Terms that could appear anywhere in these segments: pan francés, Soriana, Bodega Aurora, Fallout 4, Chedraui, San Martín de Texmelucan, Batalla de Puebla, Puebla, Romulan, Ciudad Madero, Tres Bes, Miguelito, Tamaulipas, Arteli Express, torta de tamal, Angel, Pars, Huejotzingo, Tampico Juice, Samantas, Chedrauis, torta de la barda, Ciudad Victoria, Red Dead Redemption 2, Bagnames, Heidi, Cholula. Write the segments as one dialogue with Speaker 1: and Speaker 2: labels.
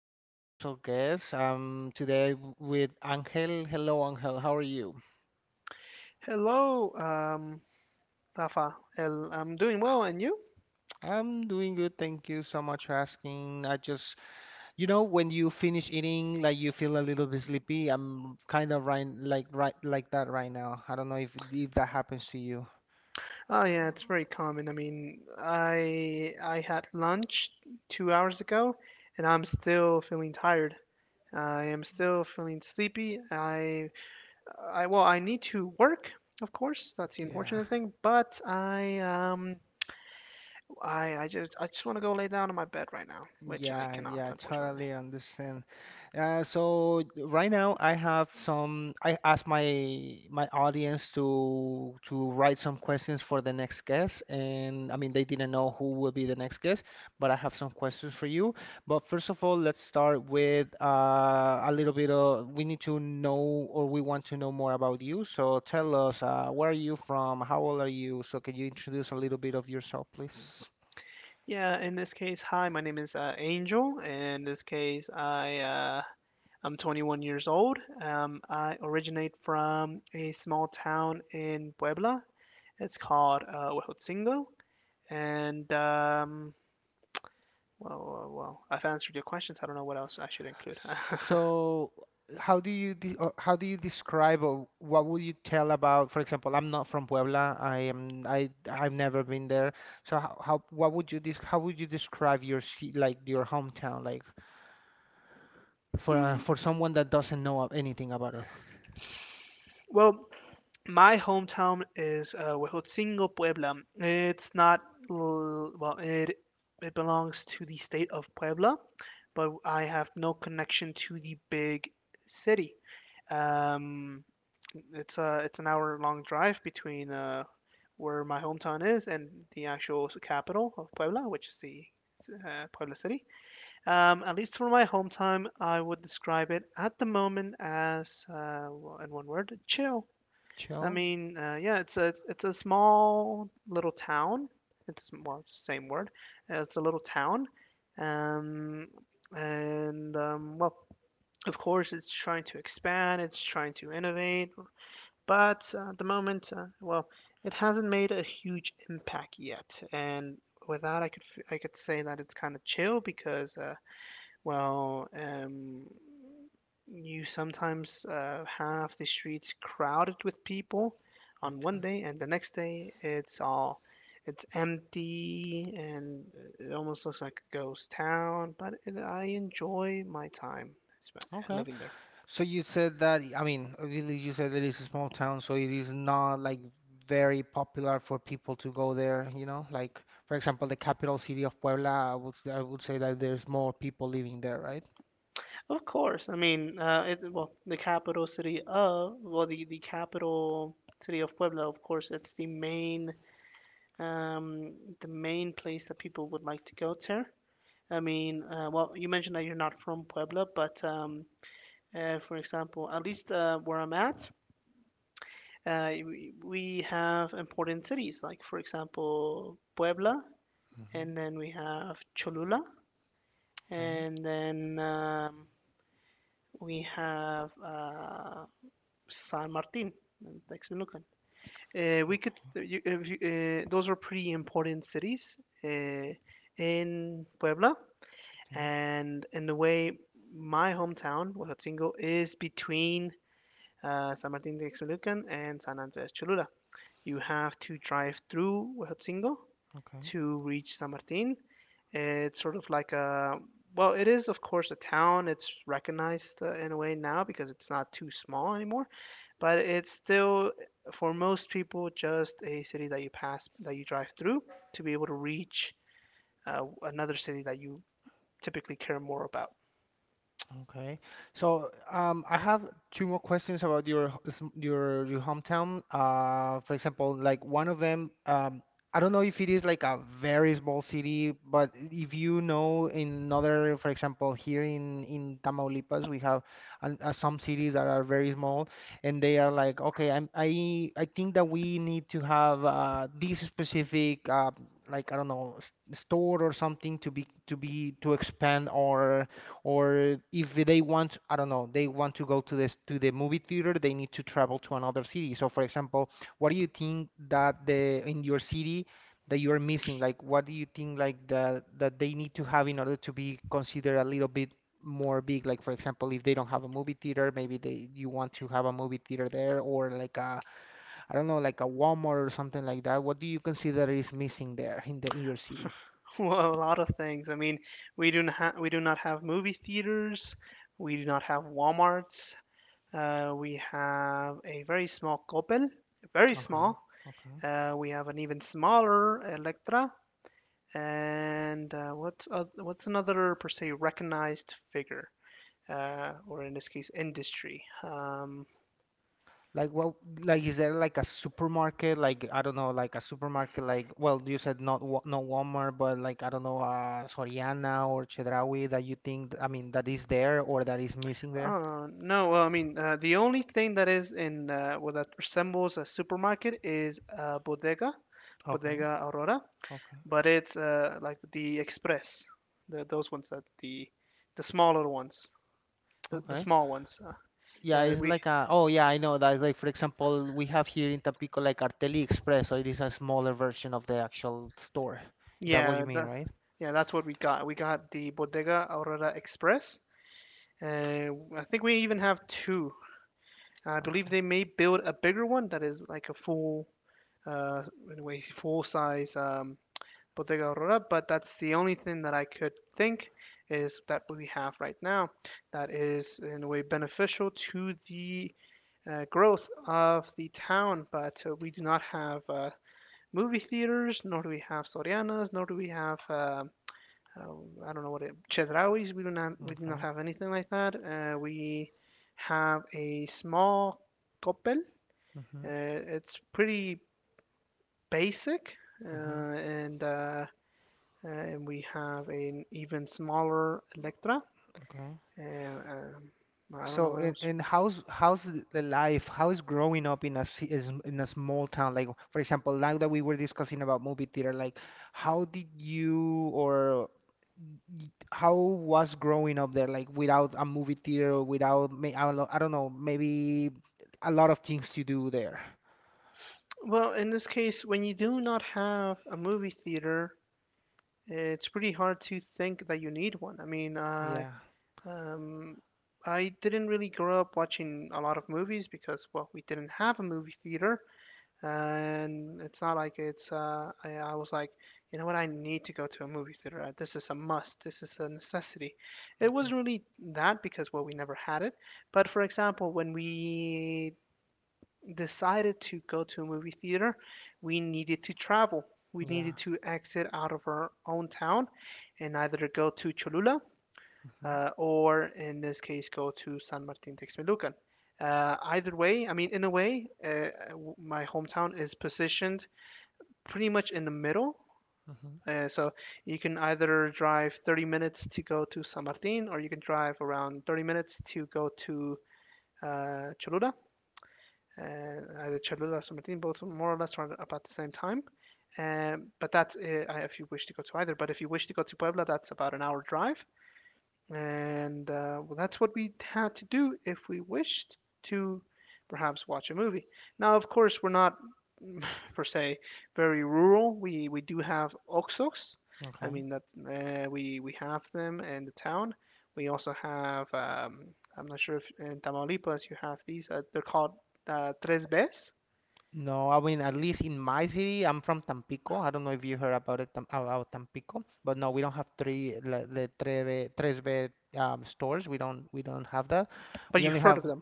Speaker 1: a very special guest. I'm today with Angel. Hello, Angel. How are you?
Speaker 2: Hello, Rafa. El, I'm doing well, and you?
Speaker 1: I'm doing good. Thank you so much for asking. I just, you know, When you finish eating, like you feel a little bit sleepy. I'm kind of right, like that right now. I don't know if that happens to you.
Speaker 2: Oh yeah, it's very common. I mean, I had lunch 2 hours ago, and I'm still feeling tired. I am still feeling sleepy. I well, I need to work, of course. That's the
Speaker 1: Yeah.
Speaker 2: unfortunate thing. But I just want to go lay down on my bed right now, which I
Speaker 1: Yeah,
Speaker 2: cannot,
Speaker 1: yeah,
Speaker 2: unfortunately.
Speaker 1: totally understand. So right now I have some. I asked my audience to write some questions for the next guest, and I mean they didn't know who will be the next guest, but I have some questions for you. But first of all, let's start with a little bit of. We need to know, or we want to know more about you. So tell us, where are you from? How old are you? So can you introduce a little bit of yourself, please?
Speaker 2: Yeah, in this case, hi, my name is Angel. In this case, I'm 21 years old. I originate from a small town in Puebla. It's called Huejotzingo. And, well, I've answered your questions. I don't know what else I should include.
Speaker 1: So, how do you de or how do you describe or what would you tell about, for example, I'm not from Puebla. I've never been there. So how what would you des how would you describe your like your hometown like for someone that doesn't know of anything about it?
Speaker 2: well, my hometown is Huejotzingo, Puebla. It's not, well, it belongs to the state of Puebla, but I have no connection to the big city. Um, it's an hour long drive between where my hometown is and the actual capital of Puebla, which is the Puebla city. At least for my hometown, I would describe it at the moment as, well, in one word, chill. I
Speaker 1: Chill.
Speaker 2: mean, yeah, it's a small little town. It's well, same word. It's a little town, um, and well, of course, it's trying to expand. It's trying to innovate, but at the moment, well, it hasn't made a huge impact yet. And with that, I could say that it's kind of chill because well, you sometimes have the streets crowded with people on one day, and the next day it's empty and it almost looks like a ghost town. But I enjoy my time sp-
Speaker 1: Okay.
Speaker 2: living there.
Speaker 1: So you said that, I mean, really you said that it's a small town, so it is not like very popular for people to go there, you know? Like, for example, the capital city of Puebla, I would say that there's more people living there, right?
Speaker 2: Of course, I mean, well, the capital city of Puebla. Of course, it's um, the main place that people would like to go to. I mean, well, you mentioned that you're not from Puebla, but for example, at least where I'm at, we have important cities like, for example, Puebla,
Speaker 1: Hmm.
Speaker 2: and then we have Cholula,
Speaker 1: Okay,
Speaker 2: and then we have San Martin, in Texmelucan. We could, you, if you, those are pretty important cities uh, in Puebla.
Speaker 1: okay,
Speaker 2: And in a way, my hometown, Huatzingó, is between San Martín de Texmelucan and San Andrés Cholula. You have to drive through Huatzingó
Speaker 1: okay.
Speaker 2: to reach San Martín. It's sort of like a, well, it is of course a town. It's recognized in a way now because it's not too small anymore, but it's still for most people just a city that you pass that you drive through to be able to reach another city that you typically care more about.
Speaker 1: Okay. So, I have two more questions about your your hometown. For example, like one of them, I don't know if it is like a very small city, but if you know in another, for example, here in Tamaulipas, we have an, some cities that are very small, and they are like, okay, I think that we need to have this specific like I don't know s store or something to be to expand our or if they want, I don't know, they want to go to this to the movie theater, they need to travel to another city. So, for example, what do you think that the in your city that you are missing, like what do you think like the that they need to have in order to be considered a little bit more big. Like, for example, if they don't have a movie theater, maybe they you want to have a movie theater there, or like a, I don't know, like a Walmart or something like that. What do you consider is missing there in the in your city?
Speaker 2: Well, a lot of things. I mean, we do not have movie theaters. We do not have WalMarts. We have a very small Coppel, very
Speaker 1: Okay.
Speaker 2: small.
Speaker 1: Okay.
Speaker 2: We have an even smaller Electra, and what's another per se recognized figure, or in this case, industry.
Speaker 1: Like what? Like is there like a supermarket? Like I don't know, like a supermarket. Like well, you said not not Walmart, but like I don't know, Soriana or Chedraui, that you think. I mean, that is there or that is missing there.
Speaker 2: No, well, I mean, the only thing that is in well that resembles a supermarket is a bodega.
Speaker 1: Okay,
Speaker 2: Bodega Aurora,
Speaker 1: okay,
Speaker 2: but it's like the express, those ones that the smaller ones, the
Speaker 1: okay.
Speaker 2: small ones.
Speaker 1: Yeah,
Speaker 2: Yeah,
Speaker 1: it's like a. Oh yeah, I know that. Like for example, we have here in Tampico like Arteli Express, so it is a smaller version of the actual store. That what you
Speaker 2: yeah
Speaker 1: mean,
Speaker 2: the,
Speaker 1: right?
Speaker 2: yeah, that's what we got. We got the Bodega Aurora Express, and I think we even have two. I believe
Speaker 1: Okay,
Speaker 2: they may build a bigger one that is like a full uh anyway full size Bodega Aurora, but that's the only thing that I could think is that we have right now that is in a way beneficial to the growth of the town, but we do not have movie theaters, nor do we have Sorianas, nor do we have uh, I don't know what it chedrauis. We do not
Speaker 1: okay.
Speaker 2: have anything like that. We have a small Coppel.
Speaker 1: Mhm.
Speaker 2: Uh, it's pretty basic, uh,
Speaker 1: Mhm.
Speaker 2: and uh, and we have an even smaller Electra.
Speaker 1: Okay.
Speaker 2: Uh, um, I don't know
Speaker 1: So
Speaker 2: what
Speaker 1: and,
Speaker 2: else.
Speaker 1: and how's the life? How is growing up in a ci- is in a small town? Like for example, now that we were discussing about movie theater, like how did you or how was growing up there? Like without a movie theater, without may I don't know, maybe a lot of things to do there.
Speaker 2: Well, in this case, when you do not have a movie theater, it's pretty hard to think that you need one. I mean,
Speaker 1: Yeah.
Speaker 2: um, I didn't really grow up watching a lot of movies because, well, we didn't have a movie theater, and it's not like I was like, you know what, I need to go to a movie theater. This is a must. This is a necessity. It
Speaker 1: Okay.
Speaker 2: wasn't really that because, well, we never had it. But for example, when we decided to go to a movie theater, we needed to travel. We
Speaker 1: Yeah.
Speaker 2: needed to exit out of our own town and either go to Cholula
Speaker 1: Hmm.
Speaker 2: or, in this case, go to San Martin Texmelucan. Either way, I mean, in a way, my hometown is positioned pretty much in the middle.
Speaker 1: Hmm.
Speaker 2: So you can either drive 30 minutes to go to San Martin, or you can drive around 30 minutes to go to Cholula and either Cholula or San Martin, both more or less around about the same time. But that's if you wish to go to either. But if you wish to go to Puebla, that's about an hour drive. And well, that's what we had to do if we wished to perhaps watch a movie. Now, of course, we're not per se very rural. We do have Oxos. I
Speaker 1: Okay.
Speaker 2: mean that we have them in the town. We also have, I'm not sure if in Tamaulipas you have these. They're called Tres Bes,
Speaker 1: No, I mean, at least in my city, I'm from Tampico. I don't know if you heard about it, about Tampico, but no, we don't have three, the Treve, Tresve stores. We don't have that.
Speaker 2: but
Speaker 1: We only
Speaker 2: you've heard
Speaker 1: have,
Speaker 2: of them.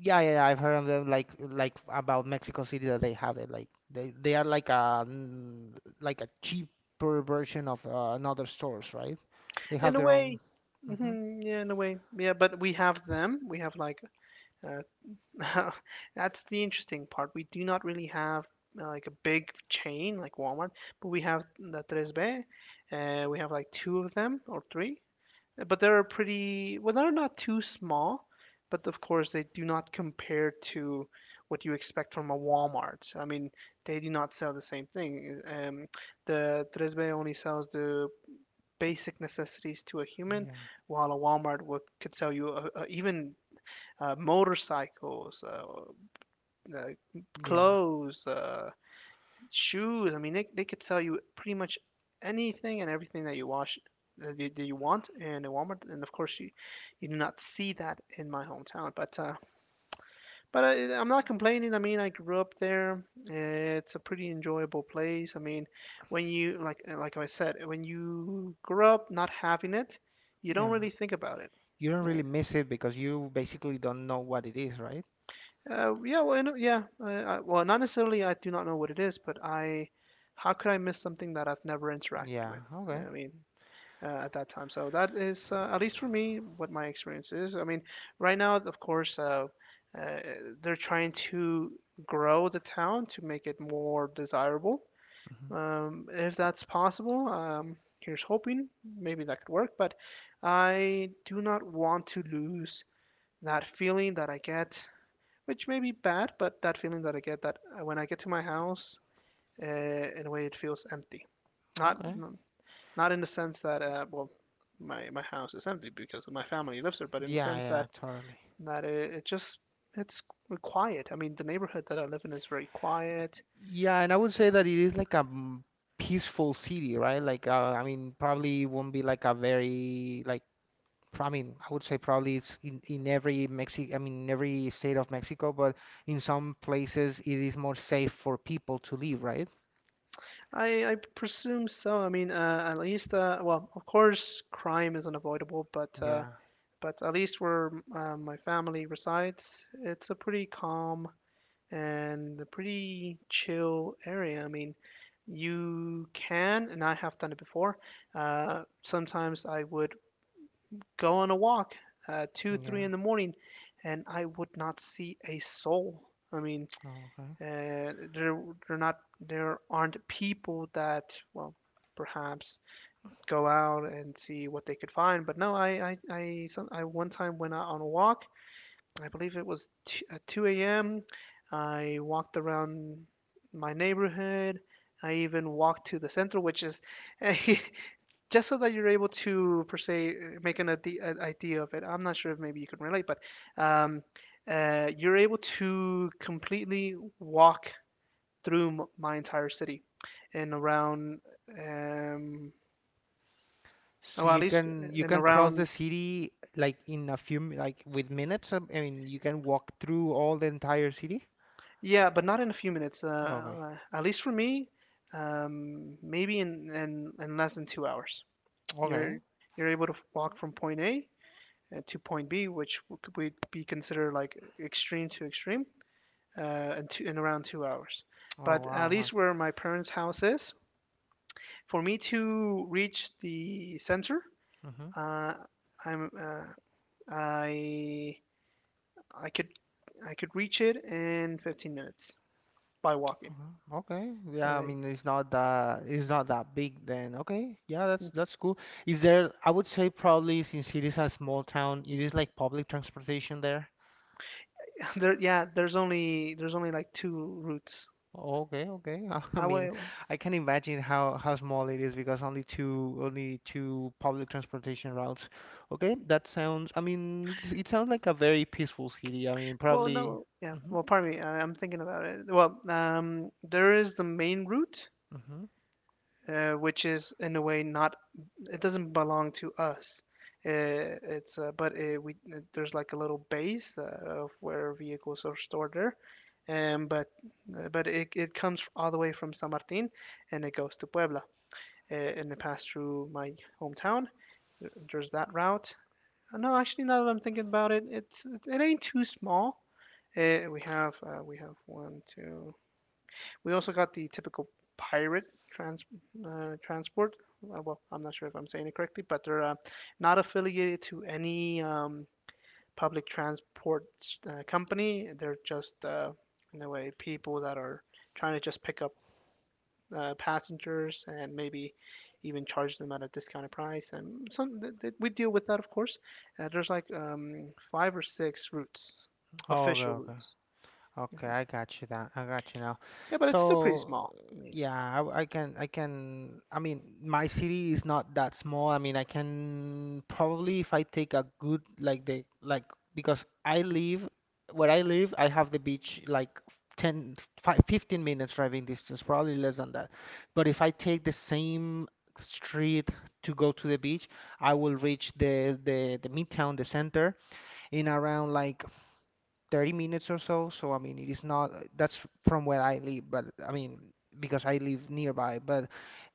Speaker 1: yeah, yeah, yeah, I've heard of them, like about Mexico City that they have it. Like, they are like a, mm, like a cheaper version of another stores, right? They have
Speaker 2: In a
Speaker 1: their
Speaker 2: way,
Speaker 1: own. Hmm.
Speaker 2: mhm, yeah, in a way, yeah. But we have them. We have like, uh, that's the interesting part. We do not really have like a big chain like Walmart, but we have the Tres B. We have like two of them or three. But they're pretty, well, they're not too small, but of course they do not compare to what you expect from a Walmart. So, I mean, they do not sell the same thing. The Tres B only sells the basic necessities to a human,
Speaker 1: Yeah,
Speaker 2: while a Walmart would, could sell you even motorcycles, uh,
Speaker 1: yeah,
Speaker 2: clothes, shoes. I mean, they could sell you pretty much anything and everything that you want in a Walmart. And of course, you do not see that in my hometown. But I'm not complaining. I mean, I grew up there. It's a pretty enjoyable place. I mean, when you like I said, when you grow up not having it, you don't
Speaker 1: yeah.
Speaker 2: really think about it.
Speaker 1: You don't really miss it because you basically don't know what it is, right?
Speaker 2: Yeah, well, yeah. I, well, not necessarily. I do not know what it is, but how could I miss something that I've never interacted
Speaker 1: Yeah,
Speaker 2: with?
Speaker 1: okay.
Speaker 2: I mean, at that time. So that is, at least for me, what my experience is. I mean, right now, of course, uh, they're trying to grow the town to make it more desirable.
Speaker 1: Mhm.
Speaker 2: If that's possible, here's hoping. Maybe that could work, but I do not want to lose that feeling that I get, which may be bad, but that feeling that I get that when I get to my house, in a way it feels empty. Not
Speaker 1: Okay.
Speaker 2: not in the sense that well, my house is empty because my family lives there, but in the
Speaker 1: Yeah,
Speaker 2: sense that
Speaker 1: yeah, totally.
Speaker 2: that it, it just it's quiet. I mean, the neighborhood that I live in is very quiet.
Speaker 1: Yeah, and I would say that it is like a peaceful city, right? Like, I mean, probably won't be like a very like. I mean, I would say probably it's in every Mexi I mean, in every state of Mexico, but in some places it is more safe for people to live, right?
Speaker 2: I presume so. I mean, at least well, of course, crime is unavoidable, but uh,
Speaker 1: Yeah,
Speaker 2: but at least where my family resides, it's a pretty calm and a pretty chill area. I mean, you can, and I have done it before. Sometimes I would go on a walk, two, three
Speaker 1: yeah.
Speaker 2: in the morning, and I would not see a soul. I mean,
Speaker 1: Oh, okay.
Speaker 2: uh, there, there aren't people that, well, perhaps go out and see what they could find. But no, I, some, I one time went out on a walk I believe it was at 2 a.m. I walked around my neighborhood. I even walked to the center, which is just so that you're able to, per se, make an idea of it. I'm not sure if maybe you can relate, but um, you're able to completely walk through my entire city and around, um,
Speaker 1: So
Speaker 2: well, at least
Speaker 1: you
Speaker 2: in
Speaker 1: can cross the
Speaker 2: around.
Speaker 1: city like in a few like with minutes. Um, I mean, you can walk through all the entire city.
Speaker 2: Yeah, but not in a few minutes.
Speaker 1: Okay.
Speaker 2: At least for me, maybe in less than 2 hours.
Speaker 1: Okay.
Speaker 2: You're you're able to walk from point A, to point B, which would could be considered like extreme to extreme, in around 2 hours.
Speaker 1: Oh
Speaker 2: But at
Speaker 1: wow.
Speaker 2: least where my parents' house is, for me to reach the center,
Speaker 1: Mm-hmm.
Speaker 2: uh, I'm uh, I I could I could reach it in 15 minutes by walking.
Speaker 1: Okay. Yeah, I
Speaker 2: Uh,
Speaker 1: mean it's not that big then. Okay. Yeah, that's cool. Is there, I would say probably since it is a small town, it is like public transportation there.
Speaker 2: Yeah, there's only like two routes.
Speaker 1: Okay, okay. I mean,
Speaker 2: Wait,
Speaker 1: I can imagine how small it is because only two public transportation routes. Okay, that sounds, I mean, it's, it sounds like a very peaceful city. I mean,
Speaker 2: well,
Speaker 1: probably.
Speaker 2: no, yeah.
Speaker 1: Mm-hmm.
Speaker 2: Well, pardon me, I'm thinking about it. Well, there is the main route,
Speaker 1: Mm-hmm.
Speaker 2: which is in a way not, it doesn't belong to us. It's but we There's like a little base, of where vehicles are stored there, um, but but it comes all the way from San Martin, and it goes to Puebla, and it passed through my hometown. There's that route. No, actually, now that I'm thinking about it, it ain't too small. We have one, two. We also got the typical pirate trans transport. Well, I'm not sure if I'm saying it correctly, but they're not affiliated to any public transport company. They're just in a way people that are trying to just pick up passengers and maybe even charge them at a discounted price. And some we deal with that, of course. There's like five or six routes,
Speaker 1: Oh, okay,
Speaker 2: official
Speaker 1: okay.
Speaker 2: routes.
Speaker 1: Okay, I got you that. I got you now.
Speaker 2: Yeah, but it's still pretty
Speaker 1: So,
Speaker 2: small. I mean,
Speaker 1: yeah, I can, I can. I mean, my city is not that small. I mean, I can probably if I take a good like the like because I live where I live, I have the beach like 10 5 15 minutes driving distance, probably less than that. But if I take the same street to go to the beach, I will reach the the midtown, the center in around like 30 minutes or so. So, I mean, it is not, that's from where I live, but I mean, because I live nearby. But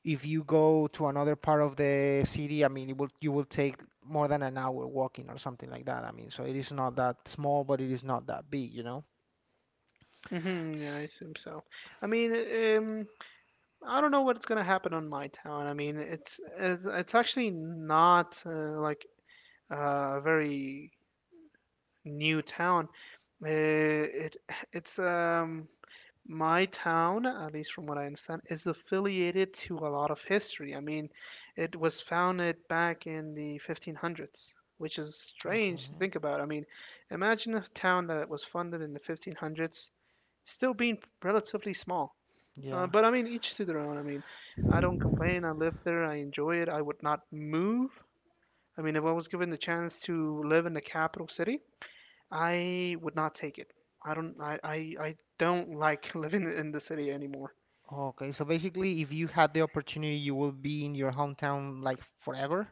Speaker 1: if you go to another part of the city, I mean, it will, you will take more than an hour walking or something like that. I mean, so it is not that small, but it is not that big, you know?
Speaker 2: yeah, I assume so. I mean, um, I don't know what's gonna happen on my town. I mean, it's actually not like a very new town. Uh, it it's my town, at least from what I understand, is affiliated to a lot of history. I mean, it was founded back in the 1500s, which is strange to
Speaker 1: Okay.
Speaker 2: think about. I mean, imagine a town that was funded in the 1500s still being relatively small.
Speaker 1: Yeah.
Speaker 2: But I mean, each to their own. I mean, I don't complain. I live there. I enjoy it. I would not move. I mean, if I was given the chance to live in the capital city, I would not take it. I don't like living in the city anymore.
Speaker 1: Okay. So basically, if you had the opportunity, you will be in your hometown like forever.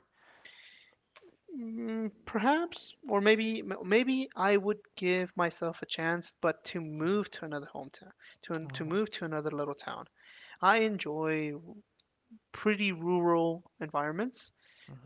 Speaker 2: Mm, perhaps, or maybe I would give myself a chance, but to move to another hometown, to
Speaker 1: Okay.
Speaker 2: move to another little town. I enjoy pretty rural environments.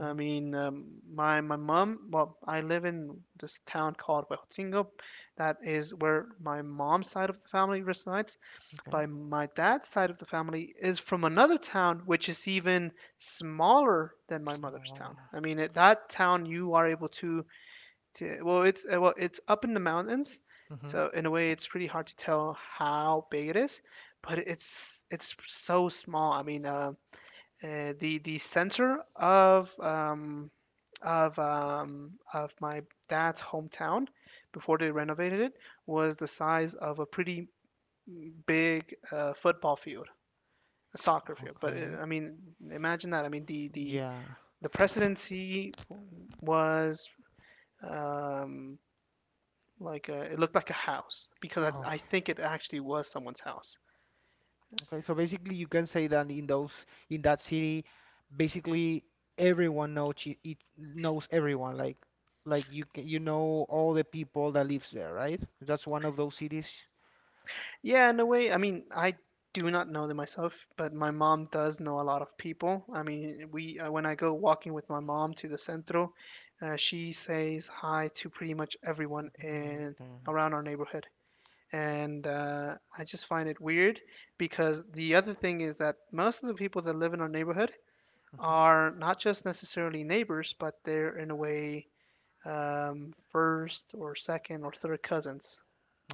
Speaker 2: I mean, my mom. Well, I live in this town called Huejotzingo. That is where my mom's side of the family resides.
Speaker 1: Okay.
Speaker 2: But my dad's side of the family is from another town, which is even smaller than my mother's town.
Speaker 1: Oh.
Speaker 2: I mean, at that town, you are able to— yeah, well, it's up in the mountains,
Speaker 1: Mm-hmm.
Speaker 2: so in a way, it's pretty hard to tell how big it is, but it's so small. I mean, the center of my dad's hometown before they renovated it was the size of a pretty big football field, a soccer field. But
Speaker 1: Okay.
Speaker 2: I mean, imagine that. I mean, the the
Speaker 1: Yeah.
Speaker 2: the presidency was. Um, it looked like a house because I think it actually was someone's house.
Speaker 1: Okay, so basically you can say that in those in that city, basically everyone knows it, it knows everyone. Like you know all the people that lives there, right? That's one of those cities.
Speaker 2: Yeah, in a way. I mean, I do not know them myself, but my mom does know a lot of people. I mean, we when I go walking with my mom to the centro, she says hi to pretty much everyone
Speaker 1: Mhm.
Speaker 2: in
Speaker 1: Okay.
Speaker 2: around our neighborhood. And I just find it weird because the other thing is that most of the people that live in our neighborhood
Speaker 1: Mhm.
Speaker 2: are not just necessarily neighbors, but they're in a way first or second or third cousins.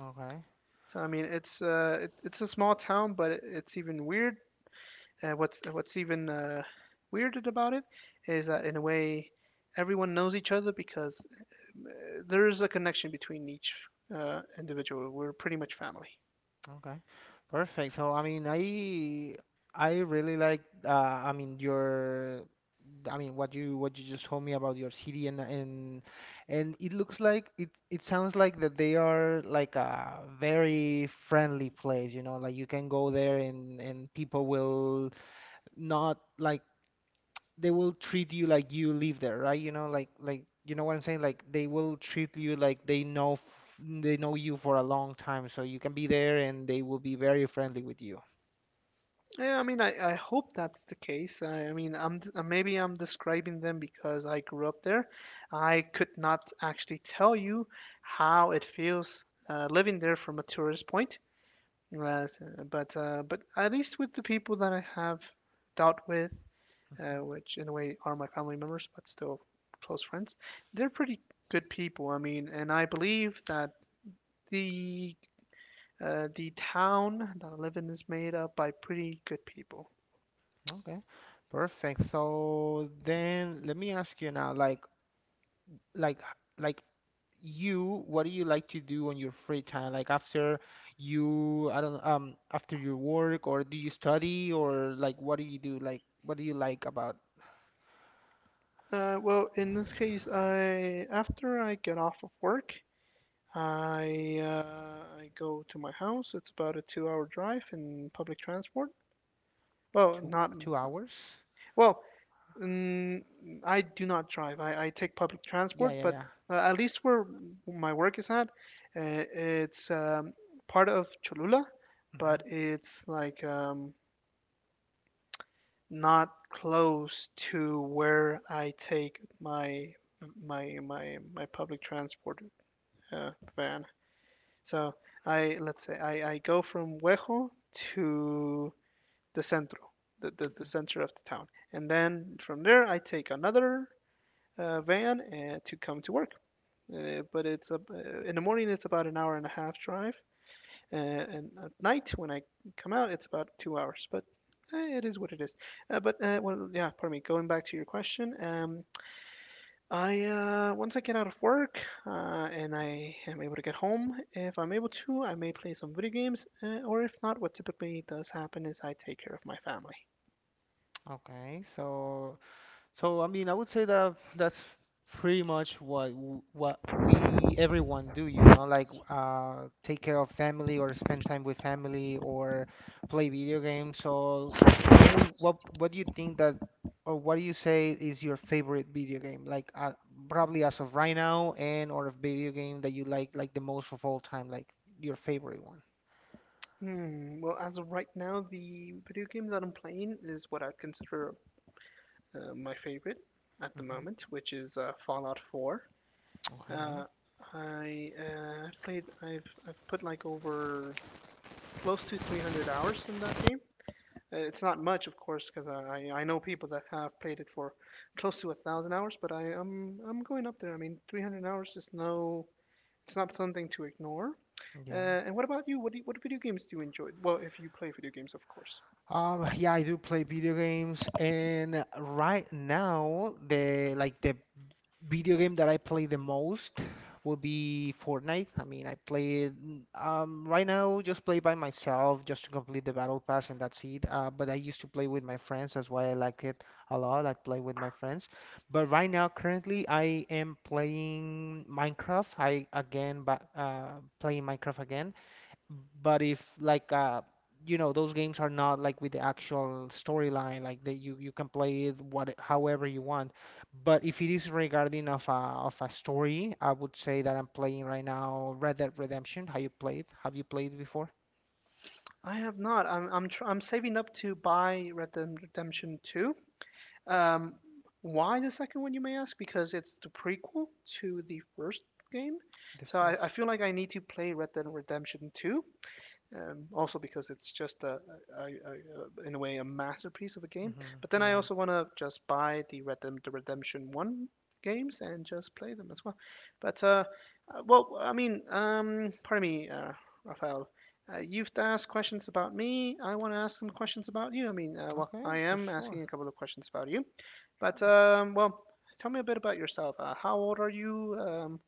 Speaker 1: Okay.
Speaker 2: So I mean, it's a small town, but it's even weird. And what's even weirded about it is that in a way, everyone knows each other because uh, there is a connection between each individual. We're pretty much family.
Speaker 1: Okay. Perfect. So I mean, I really like I mean your I mean what you just told me about your city, and it looks like it sounds like that they are like a very friendly place, you know, like you can go there and people will not like, they will treat you like you live there, right? You know, like you know what I'm saying? Like they will treat you like they know f they know you for a long time, so you can be there and they will be very friendly with you.
Speaker 2: Yeah, I mean, I hope that's the case. I mean, maybe I'm describing them because I grew up there. I could not actually tell you how it feels living there from a tourist point. But at least with the people that I have dealt with,
Speaker 1: Mhm.
Speaker 2: which in a way are my family members, but still close friends, they're pretty good people. I mean, and I believe that the the town that I live in is made up by pretty good people.
Speaker 1: Okay, perfect. So then let me ask you now, like like like you, what do you like to do on your free time? Like after you, I don't, um, after your work, or do you study, or like what do you do? Like what do you like about
Speaker 2: Well, in this case, I after I get off of work, I go to my house. It's about a 2-hour drive in public transport. Well,
Speaker 1: two
Speaker 2: not
Speaker 1: two hours?
Speaker 2: well. Mm, I do not drive. I take public
Speaker 1: Yeah,
Speaker 2: transport,
Speaker 1: yeah,
Speaker 2: but
Speaker 1: yeah.
Speaker 2: at least where my work is at, it's part of Cholula,
Speaker 1: Hmm.
Speaker 2: but it's like not close to where I take my public transport van. So I let's say I go from Huejo to the centro, the
Speaker 1: Okay.
Speaker 2: center of the town, and then from there I take another van, to come to work. In the morning it's about an hour and a half drive, and at night when I come out it's about 2 hours. But it is what it is. But well, yeah, pardon me. Going back to your question, I once I get out of work and I am able to get home, if I'm able to, I may play some video games, or if not, what typically does happen is I take care of my family.
Speaker 1: Okay. So, I mean, I would say that that's pretty much what what we everyone do, you know, like take care of family or spend time with family or play video games. So, what would, what do you think that or what do you say is your favorite video game? Like probably as of right now and or a video game that you like the most of all time, like your favorite one.
Speaker 2: Hmm. Well, as of right now, the video game that I'm playing is what I consider my favorite at the
Speaker 1: Hmm.
Speaker 2: moment, which is Fallout 4.
Speaker 1: Okay.
Speaker 2: Uh, I've played I've put like over close to 300 hours in that game. It's not much, of course, because I know people that have played it for close to 1,000 hours, but I'm going up there. I mean, 300 hours is no, it's not something to ignore. Uh,
Speaker 1: Yeah.
Speaker 2: and what about you? What video games do you enjoy? Well, if you play video games, of course.
Speaker 1: Yeah, I do play video games, and right now the like the video game that I play the most would be Fortnite. I mean, I play it mm, right now just play by myself just to complete the battle pass and that's it. But I used to play with my friends. That's why I like it a lot. I play with my friends. But right now, currently, I am playing Minecraft. I again, but playing Minecraft again. But if like you know those games are not like with the actual storyline, like that you can play it what however you want. But if it is regarding of a story, I would say that I'm playing right now Red Dead Redemption. Have you played? Have you played before?
Speaker 2: I have not. I'm saving up to buy Red Dead Redemption 2. Um, why the second one, you may ask? Because it's the prequel to the first game.
Speaker 1: The
Speaker 2: So I
Speaker 1: first.
Speaker 2: feel like I need to play Red Dead Redemption 2, also because it's just a in a way a masterpiece of a game.
Speaker 1: Mm-hmm.
Speaker 2: But then I
Speaker 1: Yeah.
Speaker 2: also want to just buy the Redemption One games and just play them as well. But Well, I mean, pardon me, Raphael. You've asked questions about me. I want to ask some questions about you. I mean, well, I
Speaker 1: Okay, for
Speaker 2: am
Speaker 1: sure.
Speaker 2: asking a couple of questions about you. But
Speaker 1: Sure.
Speaker 2: well, tell me a bit about yourself. How old are you? Um,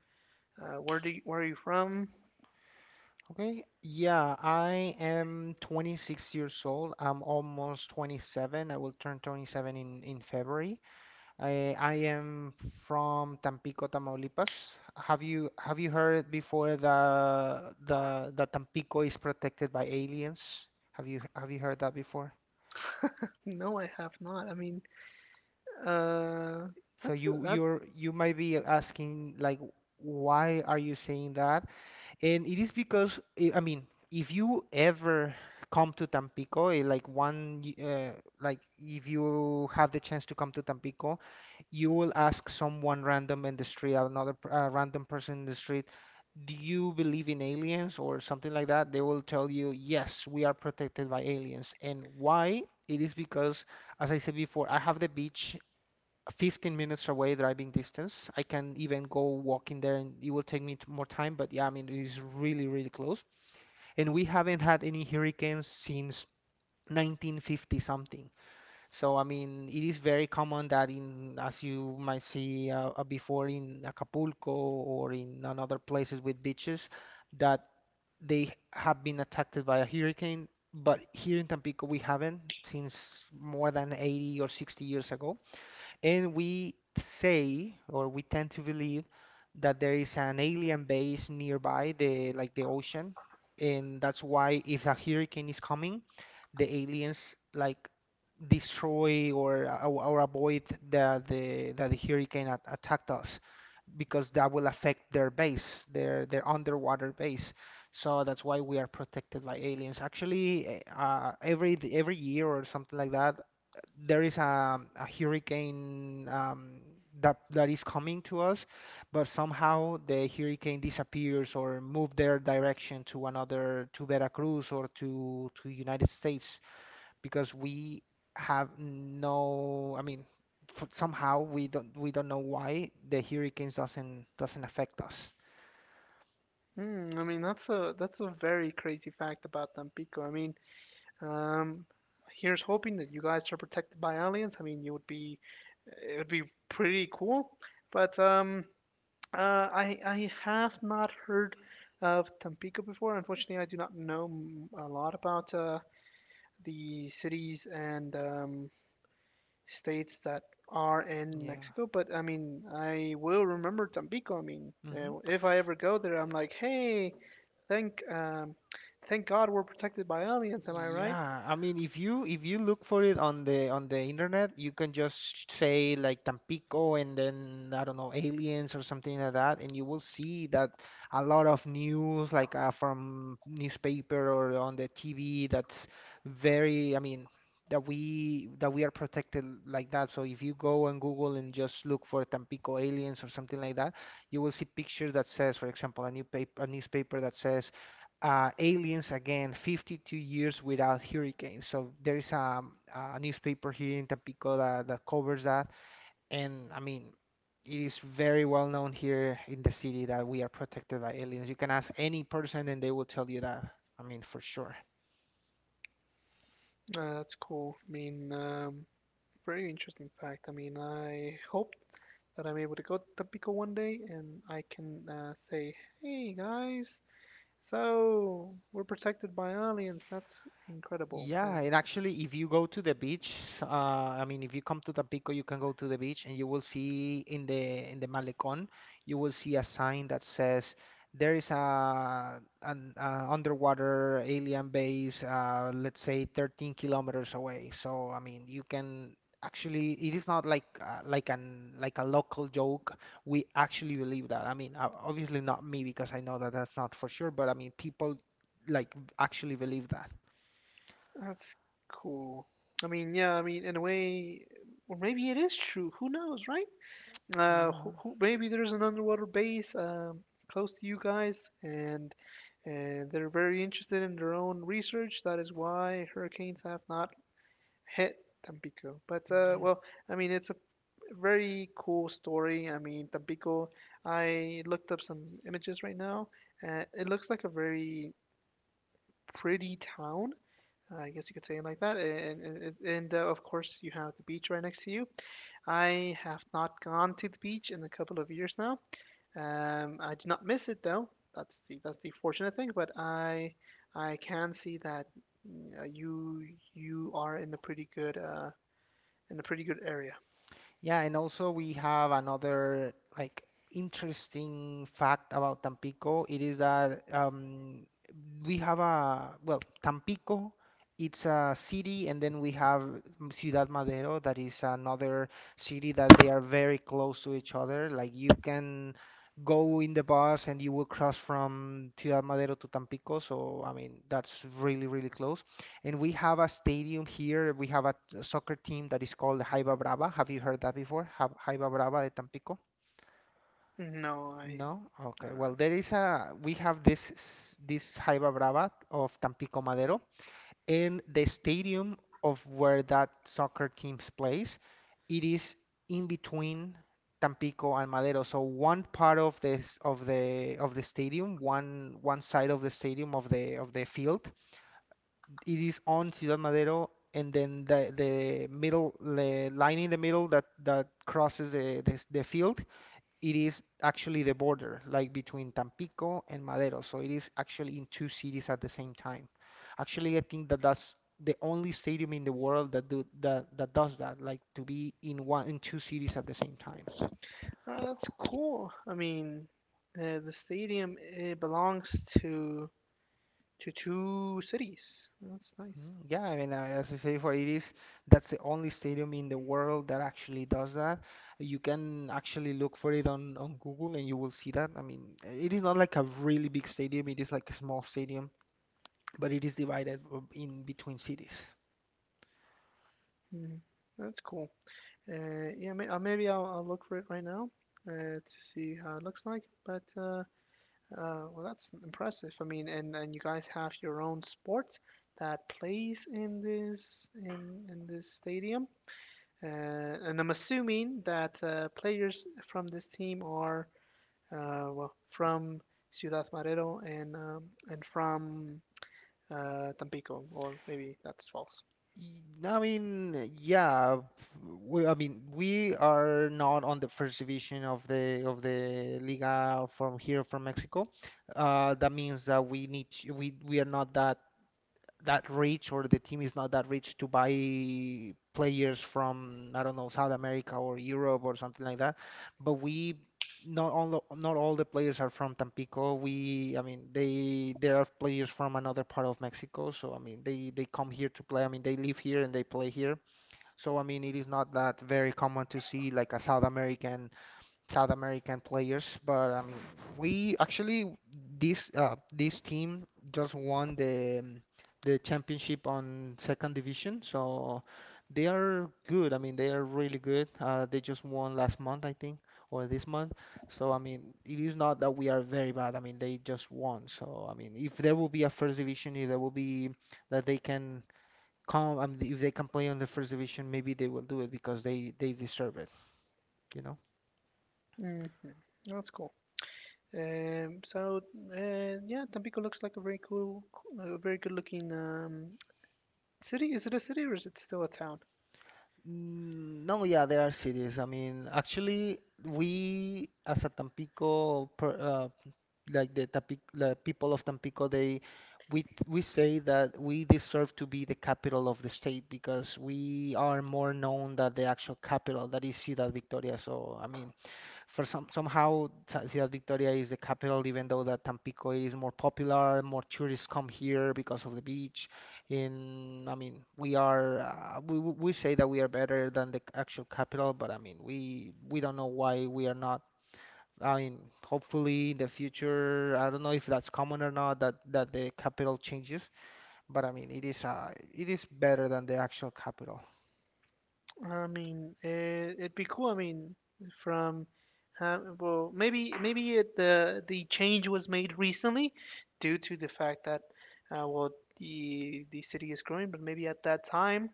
Speaker 2: uh, Where are you from?
Speaker 1: Okay. Yeah, I am 26 years old. I'm almost 27. I will turn 27 in February. I am from Tampico, Tamaulipas. Have you heard before the Tampico is protected by aliens? Have you heard that before?
Speaker 2: No, I have not. I mean. Uh,
Speaker 1: So
Speaker 2: that's a,
Speaker 1: you
Speaker 2: that.
Speaker 1: you're you might be asking like, why are you saying that? And it is because, I mean, if you ever come to Tampico, like if you have the chance to come to Tampico, you will ask someone random in the street, random person in the street, do you believe in aliens or something like that? They will tell you, yes, we are protected by aliens. And why? It is because, as I said before, I have the beach 15 minutes away driving distance. I can even go walking there and it will take me more time, but yeah, I mean, it is really, really close. And we haven't had any hurricanes since 1950 something. So, I mean, it is very common that in, as you might see before in Acapulco or in other places with beaches, that they have been attacked by a hurricane. But here in Tampico, we haven't since more than 80 or 60 years ago. And we say, or we tend to believe, that there is an alien base nearby, the like the ocean, and that's why if a hurricane is coming, the aliens like destroy or avoid the hurricane attacked us because that will affect their base, their underwater base. So that's why we are protected by aliens. Actually, every year or something like that, there is a hurricane that is coming to us, but somehow the hurricane disappears or move their direction to another, to Veracruz or to United States because we have no, I mean, f somehow we don't know why the hurricanes doesn't affect us.
Speaker 2: Hmm, I mean, that's a very crazy fact about Tampico. I mean, um, here's hoping that you guys are protected by aliens. I mean, you would be It would be pretty cool. But I have not heard of Tampico before. Unfortunately, I do not know a lot about the cities and states that are in
Speaker 1: Yeah.
Speaker 2: Mexico, but I mean, I will remember Tampico. I mean,
Speaker 1: Hmm.
Speaker 2: if I ever go there, I'm like, hey, thank, um, thank God we're protected by aliens. Am I right?
Speaker 1: Yeah, I mean, if you look for it on the internet, you can just say like Tampico and then I don't know aliens or something like that, and you will see that a lot of news like from newspaper or on the TV, that's very, I mean, that we are protected like that. So if you go on Google and just look for Tampico aliens or something like that, you will see pictures that says, for example, a new paper, a newspaper that says aliens again 52 years without hurricanes, so there is a newspaper here in Tampico that, that covers that, and I mean it is very well known here in the city that we are protected by aliens. You can ask any person and they will tell you that. I mean, for sure.
Speaker 2: That's cool. I mean, very interesting fact. I mean, I hope that I'm able to go to Tampico one day and I can say, hey guys, so we're protected by aliens. That's incredible,
Speaker 1: Yeah,
Speaker 2: and—
Speaker 1: and actually, if you go to the beach, I mean, if you come to Tampico, you can go to the beach, and you will see in the Malecón, you will see a sign that says there is a an underwater alien base, let's say 13 kilometers away. So, I mean, you can actually, it is not like like an like a local joke. We actually believe that. I mean, obviously not me because I know that that's not for sure, but I mean, people like actually believe that.
Speaker 2: That's cool. I mean, yeah, I mean, in a way, or maybe it is true. Who knows, right?
Speaker 1: Yeah.
Speaker 2: Maybe there's an underwater base, close to you guys, and they're very interested in their own research. That is why hurricanes have not hit Tampico. But
Speaker 1: Yeah.
Speaker 2: well, I mean, it's a very cool story. I mean, Tampico. I looked up some images right now. It looks like a very pretty town, I guess you could say it like that. And Of course, you have the beach right next to you. I have not gone to the beach in a couple of years now. I do not miss it though. That's the fortunate thing. But I can see that mm, uh, you you are in a pretty good in a pretty good area.
Speaker 1: Yeah, and also we have another like interesting fact about Tampico. It is that we have a well, Tampico, it's a city, and then we have Ciudad Madero, that is another city that they are very close to each other. Like you can go in the bus and you will cross from Ciudad Madero to Tampico. So I mean, that's really really close. And we have a stadium here. We have a soccer team that is called the Jaiba Brava. Have you heard that before? Jaiba Brava de Tampico?
Speaker 2: No, I
Speaker 1: No?
Speaker 2: no
Speaker 1: Okay.
Speaker 2: no.
Speaker 1: Well, there is a we have this Jaiba Brava of Tampico Madero, and the stadium of where that soccer team plays, it is in between Tampico and Madero. So one part of this of the stadium, one side of the stadium of the field, it is on Ciudad Madero, and then the middle, the line in the middle that that crosses the field, it is actually the border, like between Tampico and Madero. So it is actually in two cities at the same time. Actually, I think that that's the only stadium in the world that does that, like to be in two cities at the same time.
Speaker 2: no. That's cool. I mean, the stadium it belongs to to two cities. That's nice.
Speaker 1: Mm. Yeah, I mean, as I say before, it is that's the only stadium in the world that actually does that. You can actually look for it on Google and you will see that. I mean, it is not like a really big stadium, it is like a small stadium, but it is divided in between cities.
Speaker 2: Mhm. That's cool. Yeah, maybe I'll look for it right now to see how it looks like. That's impressive. I mean, and you guys have your own sport that plays in this stadium. Uh, and I'm assuming that players from this team are well from Ciudad Madero and from Tampico, or maybe that's false.
Speaker 1: Y- I mean, yeah, we, I mean, we are not on the first division of the Liga from here from Mexico. That means that we need to, we are not that that rich or the team is not that rich to buy players from, I don't know, South America or Europe or something like that. But we not all the players are from Tampico. We, I mean, they there are players from another part of Mexico. So I mean, they come here to play. I mean, they live here and they play here. So I mean, it is not that very common to see like a South American South American players, but I mean, we actually this this team just won the championship on second division, so they are good. I mean, they are really good. They just won last month, I think, or this month. So I mean, it is not that we are very bad. I mean, they just won. So I mean, if there will be a first division, if there will be that they can come, I mean, if they can play on the first division, maybe they will do it because they deserve it, you know.
Speaker 2: Hmm. That's cool. Um, so yeah, Tampico looks like a very cool, a very good looking city. Is it a city or is it still a town?
Speaker 1: Mm. No, yeah, there are cities. I mean, actually, we as a Tampico, like the Tampico, the people of Tampico, they we say that we deserve to be the capital of the state because we are more known than the actual capital, that is Ciudad Victoria. So, I mean, for some somehow Ciudad Victoria is the capital, even though that Tampico is more popular, more tourists come here because of the beach. In I mean, we are we say that we are better than the actual capital, but I mean, we don't know why we are not. I mean, hopefully in the future, I don't know if that's common or not that that the capital changes, but I mean, it is better than the actual capital.
Speaker 2: I mean, it'd be cool. I mean, from well, maybe it, the change was made recently due to the fact that uh, well the city is growing, but maybe at that time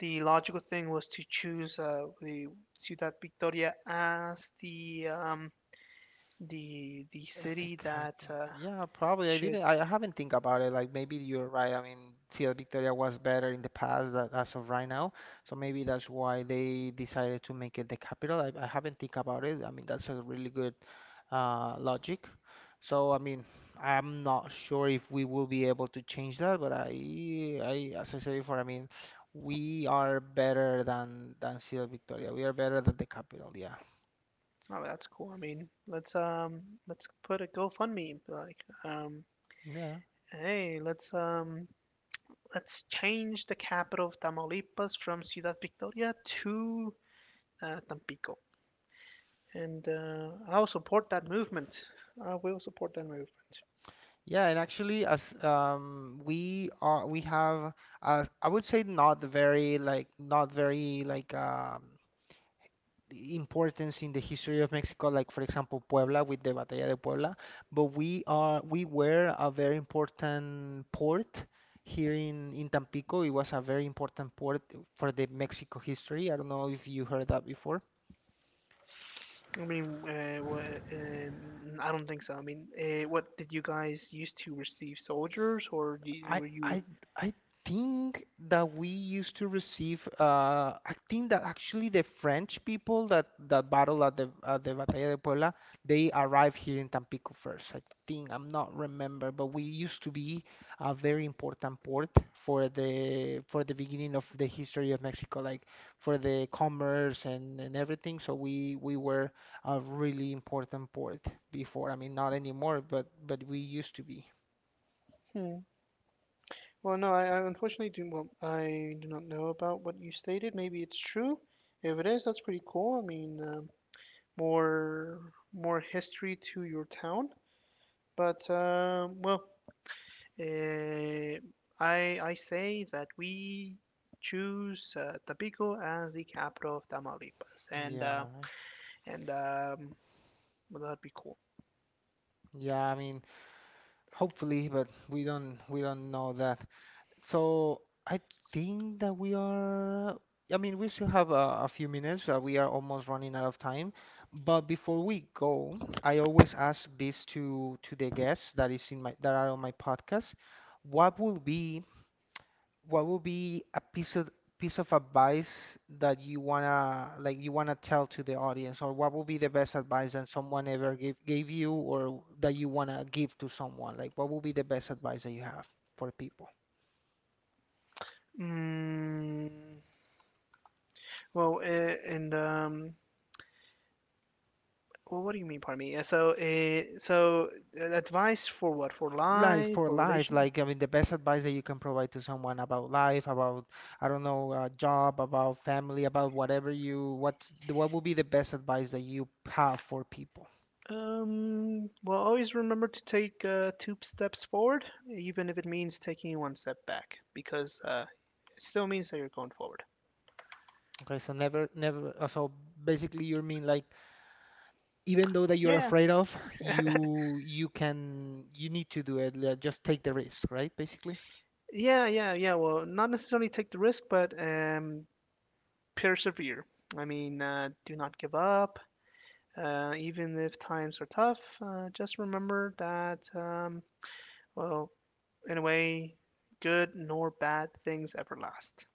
Speaker 2: the logical thing was to choose the Ciudad Victoria as the
Speaker 1: Este
Speaker 2: city that
Speaker 1: Capo. Yeah, probably. I
Speaker 2: should
Speaker 1: didn't. I haven't think about it. Like maybe you're right. I mean, Ciudad Victoria was better in the past that as of right now. So maybe that's why they decided to make it the capital. I haven't think about it. I mean, that's a really good logic. So I mean, I'm not sure if we will be able to change that, but I as I said before, I mean, we are better than Ciudad Victoria. We are better than the capital. Yeah.
Speaker 2: Oh, that's cool. I mean, let's put a GoFundMe
Speaker 1: Yeah.
Speaker 2: hey, let's change the capital of Tamaulipas from Ciudad Victoria to Tampico. And I'll support that movement. I will support that movement.
Speaker 1: Yeah, and actually, as we are, we have, I would say, not the very like, not very like importance in the history of Mexico. Like for example, Puebla with the Batalla de Puebla, but we are, we were a very important port here in Tampico. It was a very important port for the Mexico history. I don't know if you heard that before.
Speaker 2: I mean, I don't think so. I mean, what did you guys used to receive? Soldiers, or do
Speaker 1: I
Speaker 2: were you?
Speaker 1: I I think that we used to receive I think that actually the French people that that battle at the Batalla de Puebla, they arrived here in Tampico first. I think I'm not remember, but we used to be a very important port for the beginning of the history of Mexico, like for the commerce and everything. So we were a really important port before. I mean, not anymore, but we used to be.
Speaker 2: Hmm, well, no, I unfortunately do. Well, I do not know about what you stated. Maybe it's true. If it is, that's pretty cool. I mean, more more history to your town. But um, well, eh, I say that we choose Tampico as the capital of Tamaulipas,
Speaker 1: Yeah.
Speaker 2: and well, that'd be cool.
Speaker 1: Yeah, I mean, hopefully, but we don't know that. So I think that we are. I mean, we still have a few minutes. We are almost running out of time. But before we go, I always ask this to the guests that is in my that are on my podcast. What will be what would be a piece of advice that you wanna tell to the audience, or what would be the best advice that someone ever gave you, or that you wanna give to someone? Like, what would be the best advice that you have for people?
Speaker 2: Mm, well, eh, and Well, what do you mean, pardon me? Advice for what? For
Speaker 1: Like
Speaker 2: life?
Speaker 1: for
Speaker 2: For
Speaker 1: life,
Speaker 2: relation?
Speaker 1: like I mean, the best advice that you can provide to someone about life, about I don't know, job, about family, about whatever you what would be the best advice that you have for people?
Speaker 2: Always remember to take two steps forward, even if it means taking one step back, because it still means that you're going forward.
Speaker 1: Okay, so never never so basically you mean like even though that you're
Speaker 2: Yeah.
Speaker 1: afraid of, you need to do it. Like, just take the risk, right? Basically.
Speaker 2: Yeah, yeah, yeah. Well, not necessarily take the risk, but persevere. I mean, do not give up. Even if times are tough, just remember that, well, in a way, good nor bad things ever last.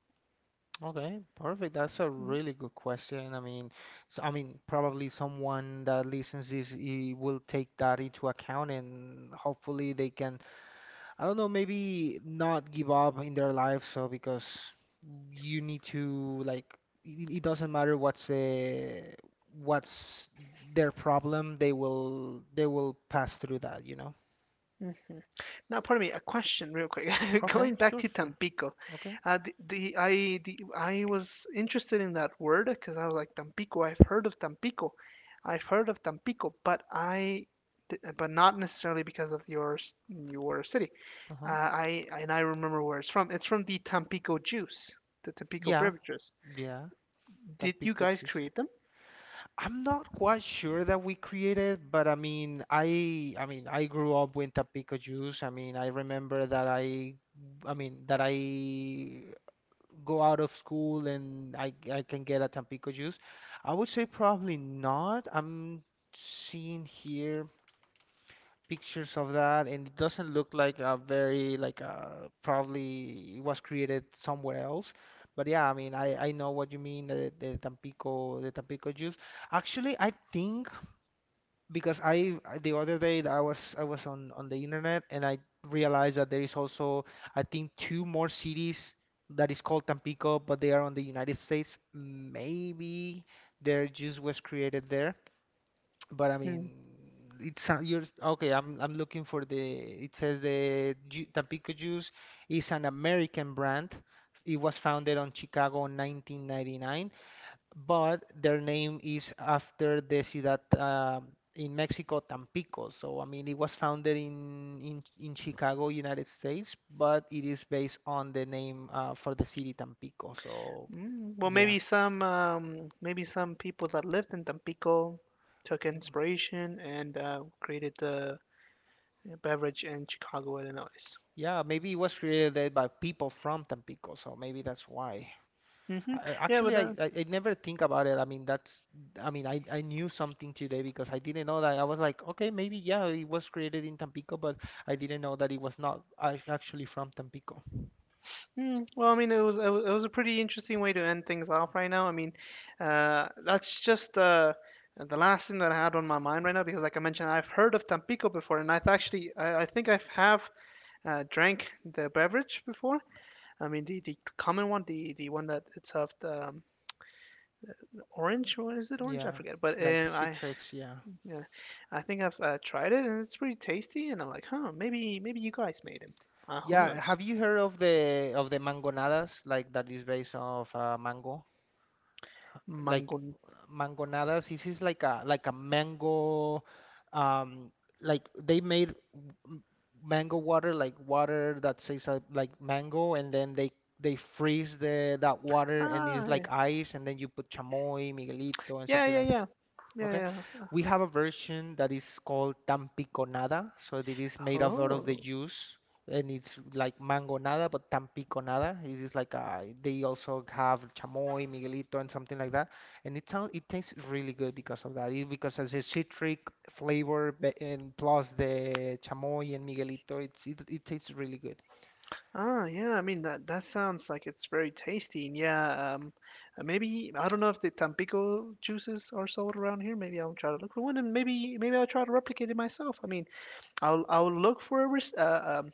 Speaker 1: Okay, perfect. That's a really good question. I mean, so, I mean, probably someone that listens this he will take that into account and hopefully they can, I don't know, maybe not give up in their life. So because you need to like, it doesn't matter what's the what's their problem, they will pass through that, you know.
Speaker 2: Mhm. Now, pardon me, a question real quick.
Speaker 1: Okay,
Speaker 2: Going back
Speaker 1: sure,
Speaker 2: to
Speaker 1: sure.
Speaker 2: Tampico,
Speaker 1: Okay.
Speaker 2: the I was interested in that word because I was like Tampico. I've heard of Tampico, I've heard of but not necessarily because of your city.
Speaker 1: Uh-huh.
Speaker 2: I remember where it's from. It's from the Tampico juice, the Tampico
Speaker 1: Yeah.
Speaker 2: beverages.
Speaker 1: Yeah. Then
Speaker 2: Did you guys
Speaker 1: Pikachu's.
Speaker 2: create them?
Speaker 1: I'm not quite sure that we created, but I mean, I grew up with the Pikachu's. I mean, I remember that I go out of school and I can get a Tampico juice. I would say probably not. I'm seeing here pictures of that, and it doesn't look like a very like probably it was created somewhere else. But yeah, I mean, I know what you mean, the Tampico juice. Actually, I think because the other day that I was on the internet and I realized that there is also I think two more cities that is called Tampico, but they are on the United States. Maybe their juice was created there. But I mean,
Speaker 2: Hmm.
Speaker 1: you're okay. I'm looking for the. It says the ju Tampico Juice is an American brand. It was founded on Chicago in 1999, but their name is after the ciudad in Mexico, Tampico. So I mean, it was founded in Chicago, United States, but it is based on the name for the city Tampico. So
Speaker 2: Well,
Speaker 1: yeah,
Speaker 2: maybe some people that lived in Tampico took inspiration and created the beverage in Chicago, Illinois.
Speaker 1: yeah, maybe it was created by people from Tampico. So maybe that's why.
Speaker 2: Hmm. Yeah,
Speaker 1: Actually,
Speaker 2: but uh,
Speaker 1: I never think about it. I mean, I mean, I knew something today because I didn't know that. I was like, okay, maybe, yeah, it was created in Tampico, but I didn't know that it was not actually from Tampico.
Speaker 2: well, I mean, it was a pretty interesting way to end things off right now. I mean, that's just the last thing that I had on my mind right now because, like I mentioned, I've heard of Tampico before, and I've actually I think I've have drank the beverage before. I mean, the common one, the one that it's served. Orange or is it orange? I
Speaker 1: Yeah,
Speaker 2: forget. But
Speaker 1: like
Speaker 2: I
Speaker 1: Citrix, yeah.
Speaker 2: Yeah, I think I've tried it and it's pretty tasty. And I'm like, huh, maybe maybe you guys made him. Who
Speaker 1: Yeah,
Speaker 2: knows?
Speaker 1: have you heard of the mangonadas? Like that is based off mango. Like
Speaker 2: Mangon.
Speaker 1: mangonadas. This is like a mango, um, like they made m- mango water, like water that tastes like mango, and then they freeze the that water and it's
Speaker 2: Ah,
Speaker 1: like ice, and then you put chamoy, Miguelito, and
Speaker 2: yeah,
Speaker 1: something
Speaker 2: yeah,
Speaker 1: like
Speaker 2: yeah,
Speaker 1: Okay.
Speaker 2: yeah, yeah.
Speaker 1: We have a version that is called tampiconada. So it is made of out of the
Speaker 2: Oh,
Speaker 1: juice and it's like mango nada, but tampiconada. It is like they also have chamoy, miguelito, and something like that. And it sounds it tastes really good because of that. Because as a citric flavor and plus the chamoy and miguelito, it it tastes really good.
Speaker 2: ah, yeah. I mean that that sounds like it's very tasty. And yeah, maybe I don't know if the Tampico juices are sold around here. Maybe I'll try to look for one, and maybe maybe I'll try to replicate it myself. I mean, I'll look for a res- uh, um,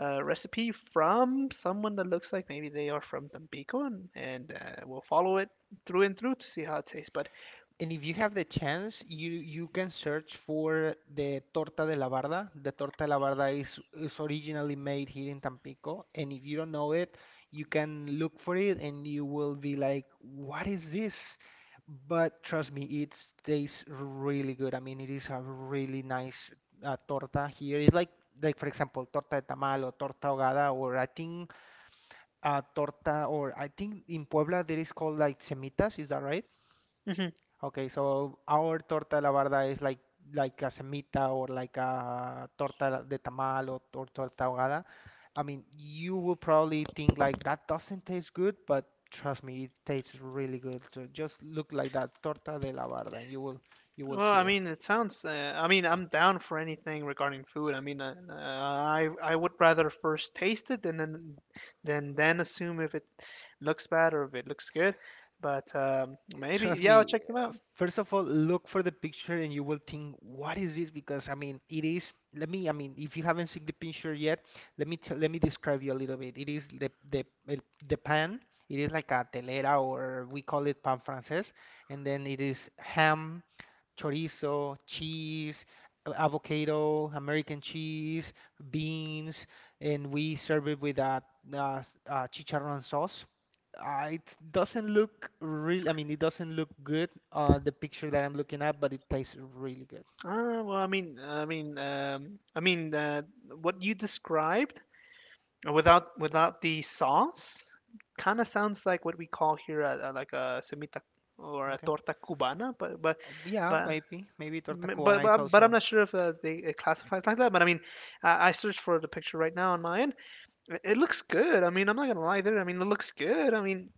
Speaker 2: uh, recipe from someone that looks like maybe they are from Tampico, and we'll follow it through and through to see how it tastes. But
Speaker 1: And if you have the chance, you can search for the torta de la barda. The torta de la barda is originally made here in Tampico, and if you don't know it, you can look for it and you will be like, "What is this?" But trust me, it tastes really good. I mean, it is a really nice torta here. It's like for example, torta de tamal or torta ahogada, or I think in Puebla there is called like semitas. Is that right?
Speaker 2: mhm.
Speaker 1: Okay, so our torta de la barda is like a semita or like a torta de tamal or torta ahogada. I mean, you will probably think like that doesn't taste good, but trust me, it tastes really good. So just look like that torta de la barda, and you will
Speaker 2: Well, I
Speaker 1: see it.
Speaker 2: mean, it sounds. I mean, I'm down for anything regarding food. I mean, I would rather first taste it and then then assume if it looks bad or if it looks good. But Maybe
Speaker 1: Trust
Speaker 2: yeah, I'll
Speaker 1: me,
Speaker 2: check them out.
Speaker 1: first of all, look for the picture and you will think, what is this? Because I mean, let me, I mean, if you haven't seen the picture yet, let me describe you a little bit. It is the pan. It is like a telera or we call it pan francés, and then it is ham, chorizo, cheese, avocado, American cheese, beans, and we serve it with uh chicharrón sauce. It doesn't look real. I mean, it doesn't look good, the picture that I'm looking at, but it tastes really good.
Speaker 2: Ah, well, I mean, I mean, I mean, What you described without without the sauce, kind of sounds like what we call here like a semita or a
Speaker 1: Okay.
Speaker 2: torta cubana,
Speaker 1: Yeah,
Speaker 2: but
Speaker 1: maybe. Maybe torta cubana is
Speaker 2: but I'm
Speaker 1: also.
Speaker 2: not sure if they it classifies like that. But I mean, I searched for the picture right now on my end. It looks good. I mean, I'm not gonna lie there. I mean, it looks good. I mean,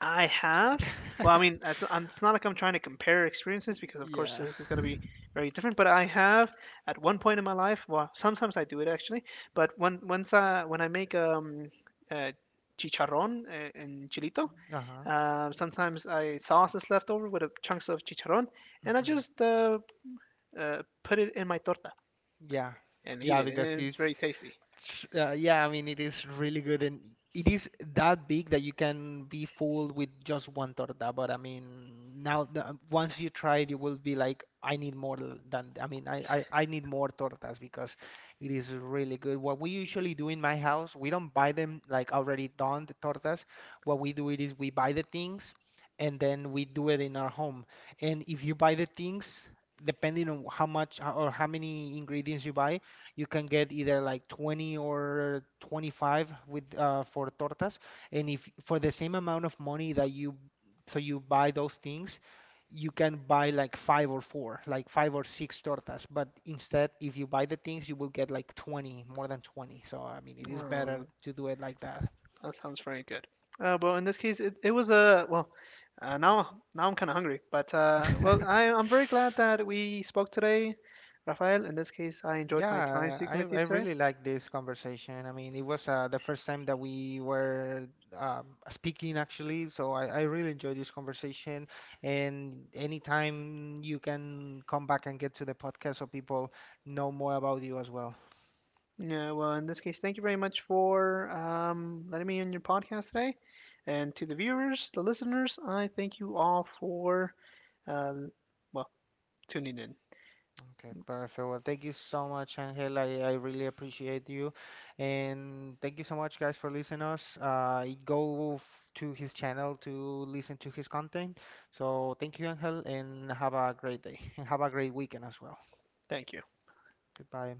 Speaker 2: I have. Well, I mean, it's not like I'm trying to compare experiences because, of course,
Speaker 1: Yeah.
Speaker 2: this is going to be very different. But I have, at one point in my life, well, sometimes I do it actually. But when once I, when I make uh, chicharrón and chilito,
Speaker 1: Uh-huh.
Speaker 2: sometimes I sauce is left over with a chunks of chicharrón, and I
Speaker 1: Hmm.
Speaker 2: just put it in my torta
Speaker 1: Yeah.
Speaker 2: and eat
Speaker 1: Yeah,
Speaker 2: it, and
Speaker 1: because
Speaker 2: it's
Speaker 1: it's,
Speaker 2: very tasty.
Speaker 1: Yeah, I mean, it is really good, and it is that big that you can be fooled with just one torta. But I mean, once you try it, you will be like, I need more than. I mean, I need more tortas because it is really good. What we usually do in my house, we don't buy them like already done the tortas. What we do it is we buy the things, and then we do it in our home. And if you buy the things, depending on how much or how many ingredients you buy. You can get either like 20 or 25 with for tortas, and if for the same amount of money that you so you buy those things, you can buy like five or four, like five or six tortas. But instead, if you buy the things, you will get like 20, more than 20. So I mean, it is better
Speaker 2: Oh,
Speaker 1: to do it like that.
Speaker 2: that sounds very good. Well, in this case, it was a well. Now now I'm kind of hungry, I'm very glad that we spoke today, Rafael. In this case, I enjoyed my time
Speaker 1: Yeah,
Speaker 2: speaking with you
Speaker 1: I
Speaker 2: today.
Speaker 1: really like this conversation. I mean, it was the first time that we were um, speaking actually, so I really enjoyed this conversation. And anytime you can come back and get to the podcast so people know more about you as well.
Speaker 2: Yeah, well, in this case, thank you very much for letting me on your podcast today, and to the viewers, the listeners, I thank you all for uh, well tuning in.
Speaker 1: Okay, perfect. Well, thank you so much, Angel. I really appreciate you. And thank you so much, guys, for listening us. To his channel to listen to his content. So thank you, Angel, and have a great day. And have a great weekend as well.
Speaker 2: Thank you.
Speaker 1: Goodbye.